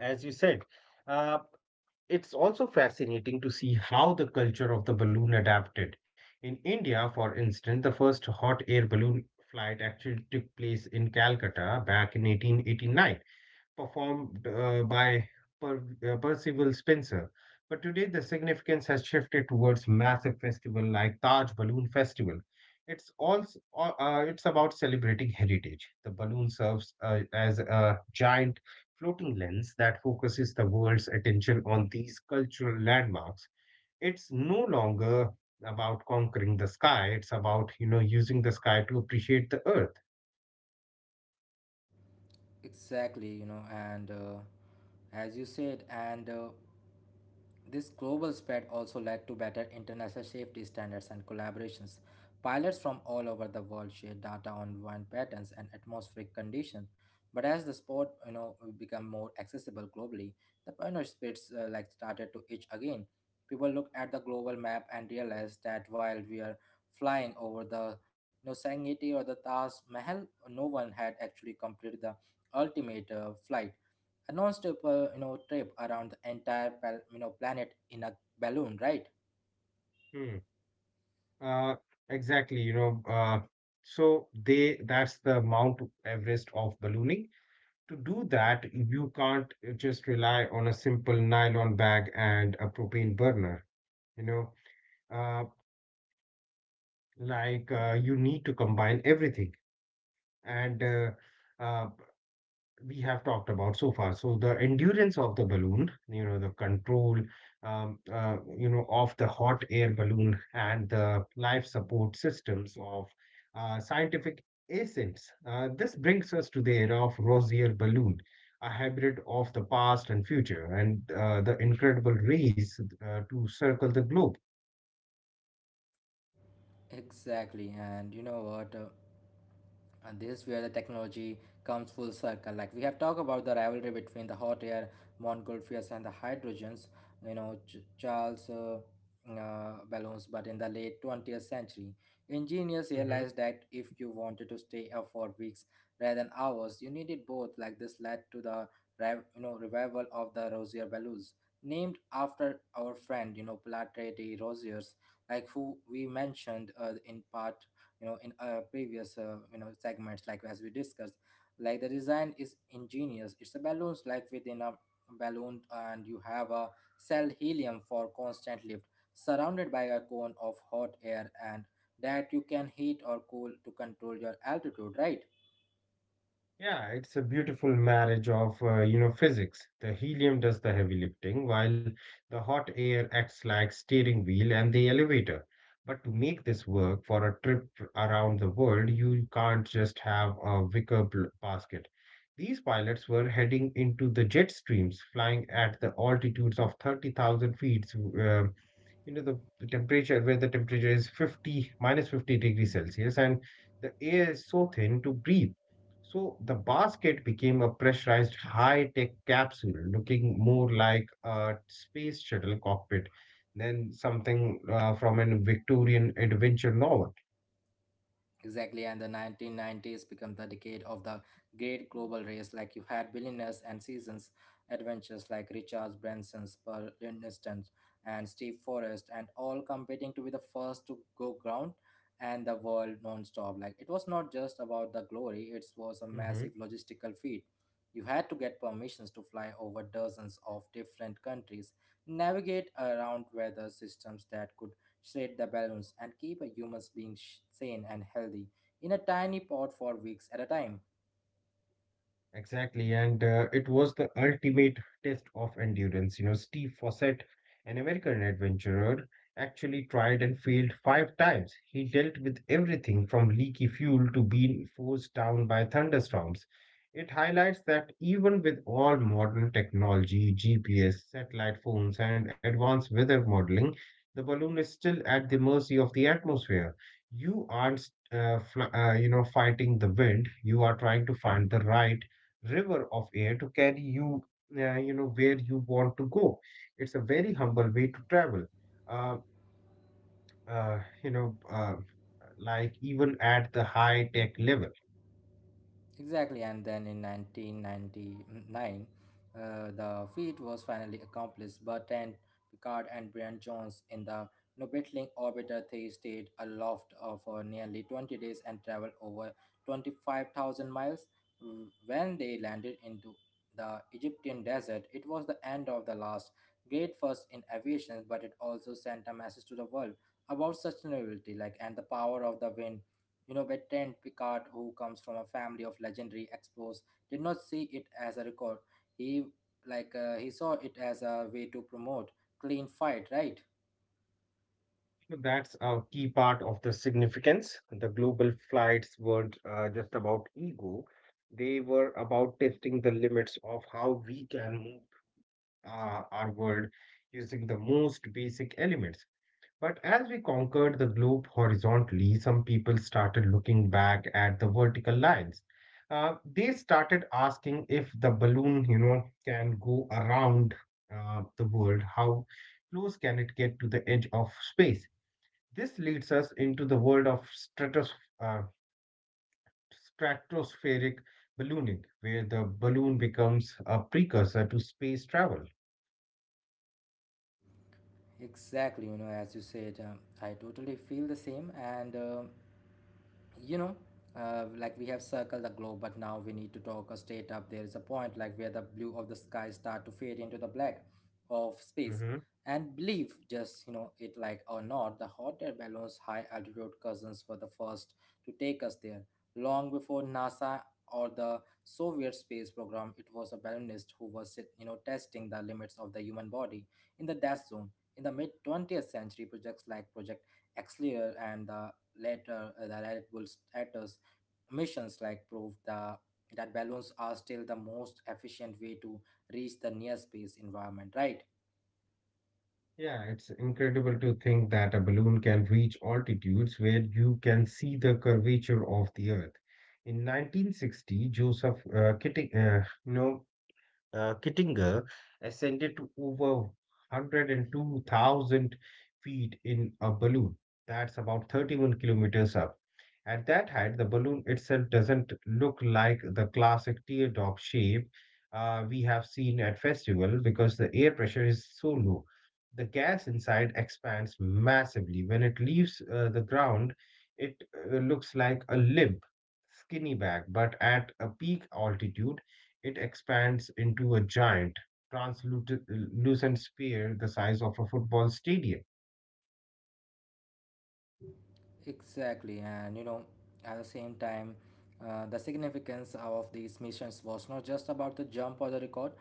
as you said. Uh, it's also fascinating to see how the culture of the balloon adapted. In India, for instance, the first hot air balloon flight actually took place in Calcutta back in 1889, performed by per, Percival Spencer. But today, the significance has shifted towards massive festival like Taj Balloon Festival. It's all it's about celebrating heritage. The balloon serves as a giant floating lens that focuses the world's attention on these cultural landmarks. It's no longer about conquering the sky. It's about, you know, using the sky to appreciate the earth. Exactly, you know, and as you said, and this global spread also led to better international safety standards and collaborations. Pilots from all over the world shared data on wind patterns and atmospheric conditions. But as the sport, you know, become more accessible globally, the pioneer spirits like started to itch again. People looked at the global map and realized that while we are flying over the Serengeti or the Taj Mahal, no one had actually completed the ultimate flight, a non-stop trip around the entire planet in a balloon, right? Hmm. Uh, exactly, you know, so they that's the Mount Everest of ballooning. To do that, you can't just rely on a simple nylon bag and a propane burner, you know, uh, you need to combine everything. And uh, we have talked about so far. So the endurance of the balloon, you know, the control, you know, of the hot air balloon and the life support systems of scientific ascents. This brings us to the era of Rosier balloon, a hybrid of the past and future, and the incredible race to circle the globe. Exactly, and you know what? And this is where the technology comes full circle, like we have talked about the rivalry between the hot air montgolfiers and the hydrogens Charles balloons, but in the late 20th century engineers Mhm. realized that if you wanted to stay up for weeks rather than hours you needed both. Like this led to the revival of the rosier balloons named after our friend platy rosiers, who we mentioned in part in previous segments, like as we discussed, like the design is ingenious. It's a balloons like within a balloon, and you have a cell helium for constant lift surrounded by a cone of hot air, and that you can heat or cool to control your altitude, right? Yeah, it's a beautiful marriage of, physics. The helium does the heavy lifting while the hot air acts like steering wheel and the elevator. But to make this work for a trip around the world, you can't just have a wicker basket. These pilots were heading into the jet streams, flying at the altitudes of 30,000 feet, you know, the temperature, where the temperature is 50 minus 50 degrees celsius, and the air is so thin to breathe. So the basket became a pressurized high-tech capsule, looking more like a space shuttle cockpit than something from a Victorian adventure novel. Exactly, and the 1990s become the decade of the great global race. Like you had billionaires and seasons adventures like Richard Branson's, Pearl Livingston, and Steve Forrest, and all competing to be the first to go ground and the world non-stop. Like it was not just about the glory; it was a massive logistical feat. You had to get permissions to fly over dozens of different countries, navigate around weather systems that could shred the balloons and keep a human being sane and healthy in a tiny pot for weeks at a time. Exactly, and it was the ultimate test of endurance. You know, Steve Fawcett, an American adventurer, actually tried and failed 5 times. He dealt with everything from leaky fuel to being forced down by thunderstorms. It highlights that even with all modern technology, GPS, satellite phones, and advanced weather modeling, the balloon is still at the mercy of the atmosphere. You aren't fighting the wind. You are trying to find the right river of air to carry you, where you want to go. It's a very humble way to travel. Uh, uh, you know, uh, Even at the high tech level. Exactly, and then in 1999, uh, the feat was finally accomplished. But and Picard and Brian Jones in the Nobitling orbiter they stayed aloft for nearly 20 days and traveled over 25,000 miles. Mm, when they landed into the Egyptian desert, it was the end of the last great first in aviation, but it also sent a message to the world about sustainability, like and the power of the wind. You know, Bertrand Picard, who comes from a family of legendary explorers, did not see it as a record. He he saw it as a way to promote clean fight, right? So that's a key part of the significance. The global flights weren't just about ego, they were about testing the limits of how we can move our world using the most basic elements. But as we conquered the globe horizontally, some people started looking back at the vertical lines. They started asking if the balloon, you know, can go around the world, how close can it get to the edge of space? This leads us into the world of uh, stratospheric ballooning, where the balloon becomes a precursor to space travel. Exactly. You know, as you said, I totally feel the same, and. you know we have circled the globe, but now we need to talk a straight up. There is a point like where the blue of the sky start to fade into the black of space, Hmm. and believe just you know it like or not, the hot air balloons high altitude cousins were the first to take us there long before NASA or the Soviet space program. It was a balloonist who was testing the limits of the human body in the death zone. In the mid 20th century, projects like project Excelsior and the later the Red Bull status missions like proved that balloons are still the most efficient way to reach the near space environment, right? Yeah, it's incredible to think that a balloon can reach altitudes where you can see the curvature of the Earth. In 1960, Joseph Kitting, no, Kittinger ascended to over 102,000 feet in a balloon. That's about 31 kilometers up. At that height, the balloon itself doesn't look like the classic teardrop shape we have seen at festival because the air pressure is so low. The gas inside expands massively. When it leaves the ground, it looks like a limp, skinny bag, but at a peak altitude, it expands into a giant, translucent sphere the size of a football stadium. Exactly, and you know, at the same time, the significance of these missions was not just about the jump or the record.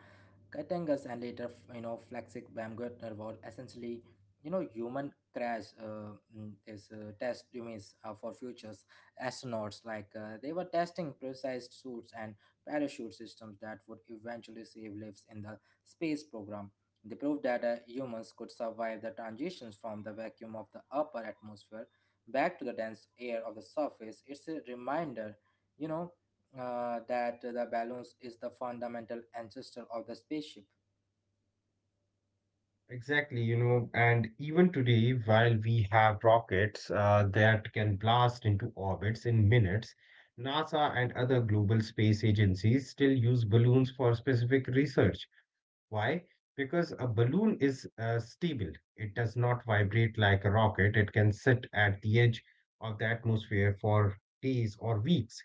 Katangas and later, you know, Flaxic Baumgartner were essentially, you know, human crash mm, is test dummies for futures astronauts. They were testing precise suits and parachute systems that would eventually save lives in the space program. They proved that humans could survive the transitions from the vacuum of the upper atmosphere back to the dense air of the surface. It's a reminder, you know, that the balloons is the fundamental ancestor of the spaceship. Exactly, you know, and even today, while we have rockets that can blast into orbits in minutes, NASA and other global space agencies still use balloons for specific research. Why? Because a balloon is stable. It does not vibrate like a rocket. It can sit at the edge of the atmosphere for days or weeks,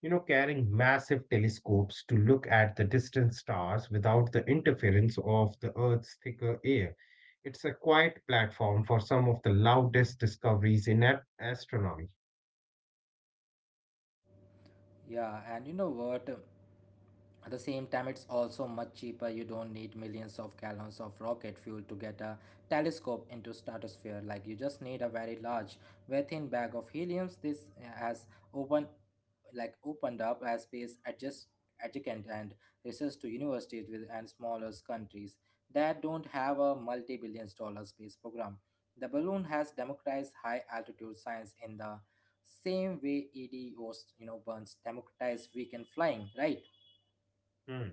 you know, carrying massive telescopes to look at the distant stars without the interference of the Earth's thicker air. It's a quiet platform for some of the loudest discoveries in astronomy. Yeah, and you know what? At the same time, it's also much cheaper. You don't need millions of gallons of rocket fuel to get a telescope into stratosphere. Like you just need a very large, very thin bag of heliums. This has open, opened up as space adjust adjacent and research to universities with and smaller countries that don't have a multi-$1 billion space program. The balloon has democratized high altitude science in the same way EDOs, you know, burns democratized weekend flying, right? Hmm.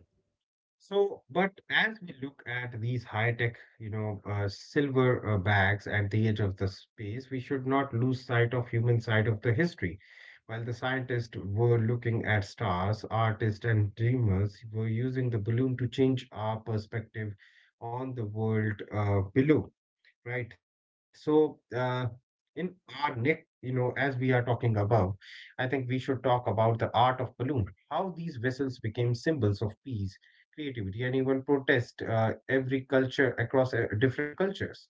So, but as we look at these high-tech, you know, silver bags at the edge of the space, we should not lose sight of human side of the history. While the scientists were looking at stars, artists and dreamers were using the balloon to change our perspective on the world below, right? So, in our next, you know, as we are talking above, I think we should talk about the art of balloon, how these vessels became symbols of peace, creativity, and even protest every culture across different cultures.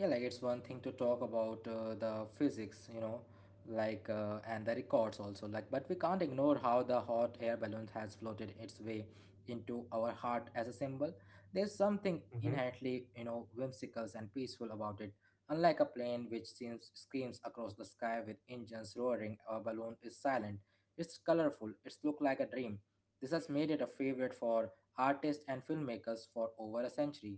Yeah, like it's one thing to talk about the physics, you know, and the records also, like, but we can't ignore how the hot air balloon has floated its way into our heart as a symbol. There's something Mm-hmm. inherently, you know, whimsical and peaceful about it. Unlike a plane, which seems screams across the sky with engines roaring, a balloon is silent. It's colorful. It's look like a dream. This has made it a favorite for artists and filmmakers for over a century.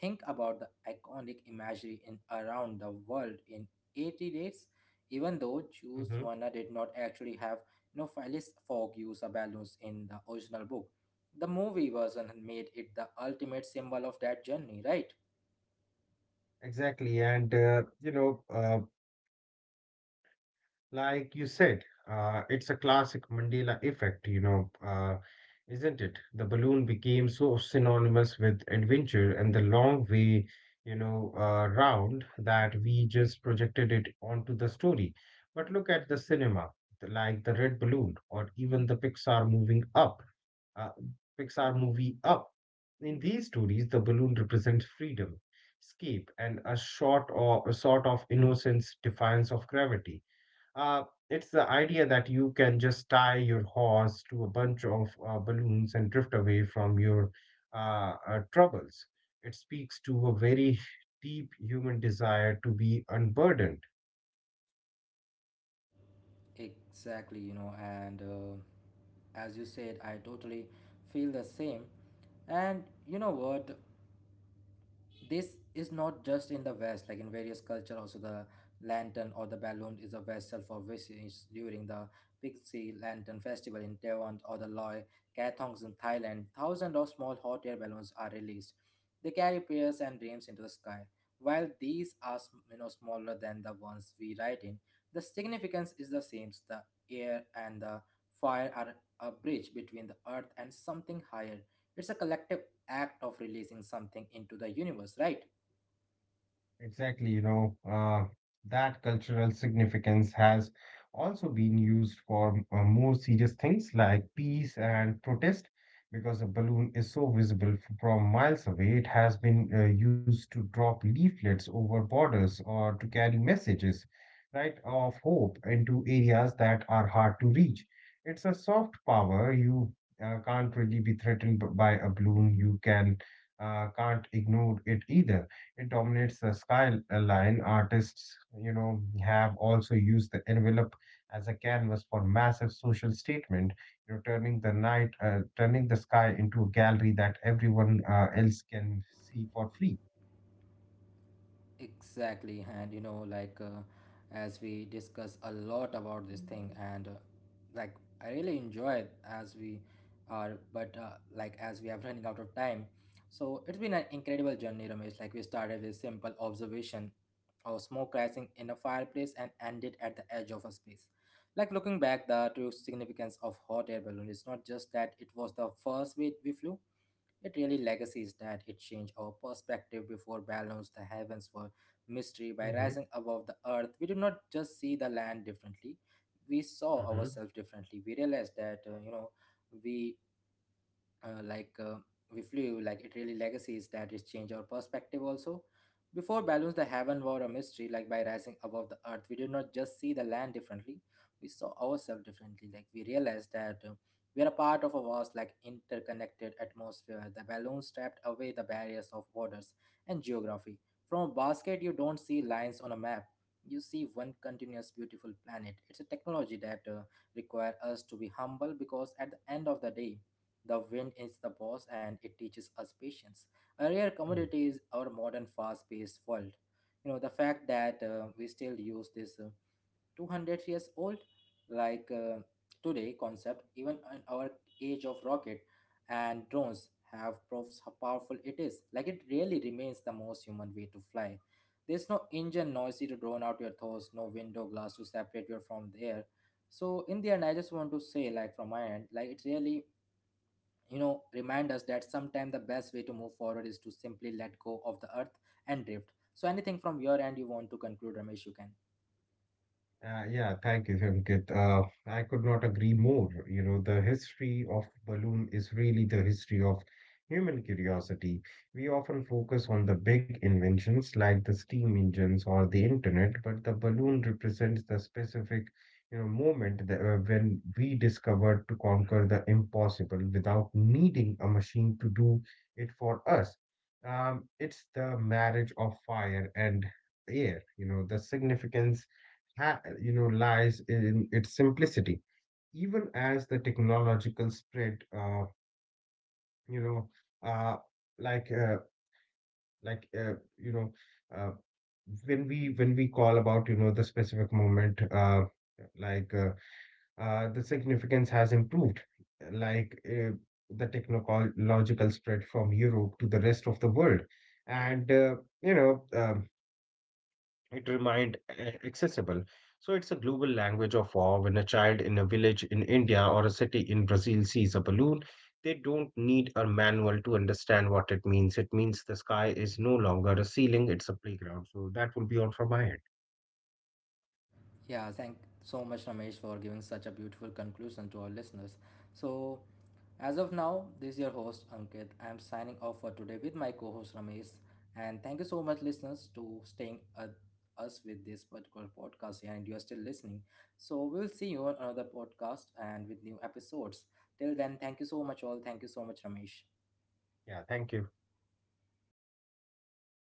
Think about the iconic imagery in around the world in 80 dates. Even though Mm-hmm. Juice Wanna did not actually have no Phyllis Fogg use a balloons in the original book, the movie version made it the ultimate symbol of that journey, right? Exactly. And, like you said, it's a classic Mandela effect, you know, isn't it? The balloon became so synonymous with adventure and the long way, you know, round, that we just projected it onto the story. But look at the cinema, like the Red Balloon or even the Pixar moving up. Uh, Pixar movie Up. In these stories, the balloon represents freedom, escape, and a sort of innocence, defiance of gravity. Uh, it's the idea that you can just tie your horse to a bunch of balloons and drift away from your troubles. It speaks to a very deep human desire to be unburdened. Exactly, you know, and as you said, I totally feel the same. And you know what? This is not just in the west. Like in various culture also, the lantern or the balloon is a vessel for wishes. During the pixie lantern festival in Taiwan or the Loy Kathongs in Thailand, thousands of small hot air balloons are released. They carry prayers and dreams into the sky. While these are smaller than the ones we ride in, the significance is the same. The air and the fire are a bridge between the earth and something higher. It's a collective act of releasing something into the universe, right? Exactly, you know, that cultural significance has also been used for more serious things like peace and protest. Because a balloon is so visible from miles away, it has been used to drop leaflets over borders or to carry messages, right, of hope into areas that are hard to reach. It's a soft power. You can't really be threatened by a balloon. You can't ignore it either. It dominates the skyline. Artists, you know, have also used the envelope as a canvas for massive social statement. You know, turning the sky into a gallery that everyone else can see for free. Exactly, and you know, as we discuss a lot about this thing, and like I really enjoy it as we are, but as we are running out of time, so it's been an incredible journey, Ramesh. Like we started with simple observation of smoke rising in a fireplace and ended at the edge of a space. Like looking back, the true significance of hot air balloon is not just that it was the first way we flew. It really legacy is that it changed our perspective before balanced the heavens for mystery by hmm rising above the earth. We did not just see the land differently; we saw hmm ourselves differently. We realized that we uh, like uh, we flew, like it really legacies that it changed our perspective also. Before balloons the heaven were a mystery, like by rising above the earth we did not just see the land differently, we saw ourselves differently. Like we realized that we are a part of a vast, like interconnected atmosphere. The balloon stripped away the barriers of borders and geography. From a basket you don't see lines on a map, you see one continuous beautiful planet. It's a technology that require us to be humble, because at the end of the day the wind is the boss, and it teaches us patience. A rare commodity is our modern fast paced world. You know, the fact that we still use this 200 years old, like uh, today, concept, even in our age of rocket and drones, have proves how powerful it is. Like it really remains the most human way to fly. There's no engine noisy to drown out your thoughts, no window glass to separate you from the air. So in the end, I just want to say, like from my end, like it really, remind us that sometimes the best way to move forward is to simply let go of the earth and drift. So anything from your end you want to conclude, Ramesh, you can. Yeah, thank you, Ankit. I could not agree more. You know, the history of balloon is really the history of human curiosity. We often focus on the big inventions like the steam engines or the internet, but the balloon represents the specific, you know, moment that, when we discovered to conquer the impossible without needing a machine to do it for us. It's the marriage of fire and air, you know, the significance you know lies in its simplicity, even as the technological spread you know uh, like uh, like you know uh, when we call about, you know, the specific moment, like uh, the significance has improved, like uh, the technological spread from Europe to the rest of the world, and you know um it remained accessible. So it's a global language of awe. When a child in a village in India or a city in Brazil sees a balloon, they don't need a manual to understand what it means. It means the sky is no longer a ceiling, it's a playground. So that will be all from my end. Yeah, thank so much Ramesh for giving such a beautiful conclusion to our listeners. So as of now, this is your host Ankit. I am signing off for today with my co-host Ramesh, and thank you so much listeners to staying us with this particular podcast, and you are still listening, so we will see you on another podcast and with new episodes. Till then, thank you so much all. Thank you so much Ramesh. Yeah, thank you.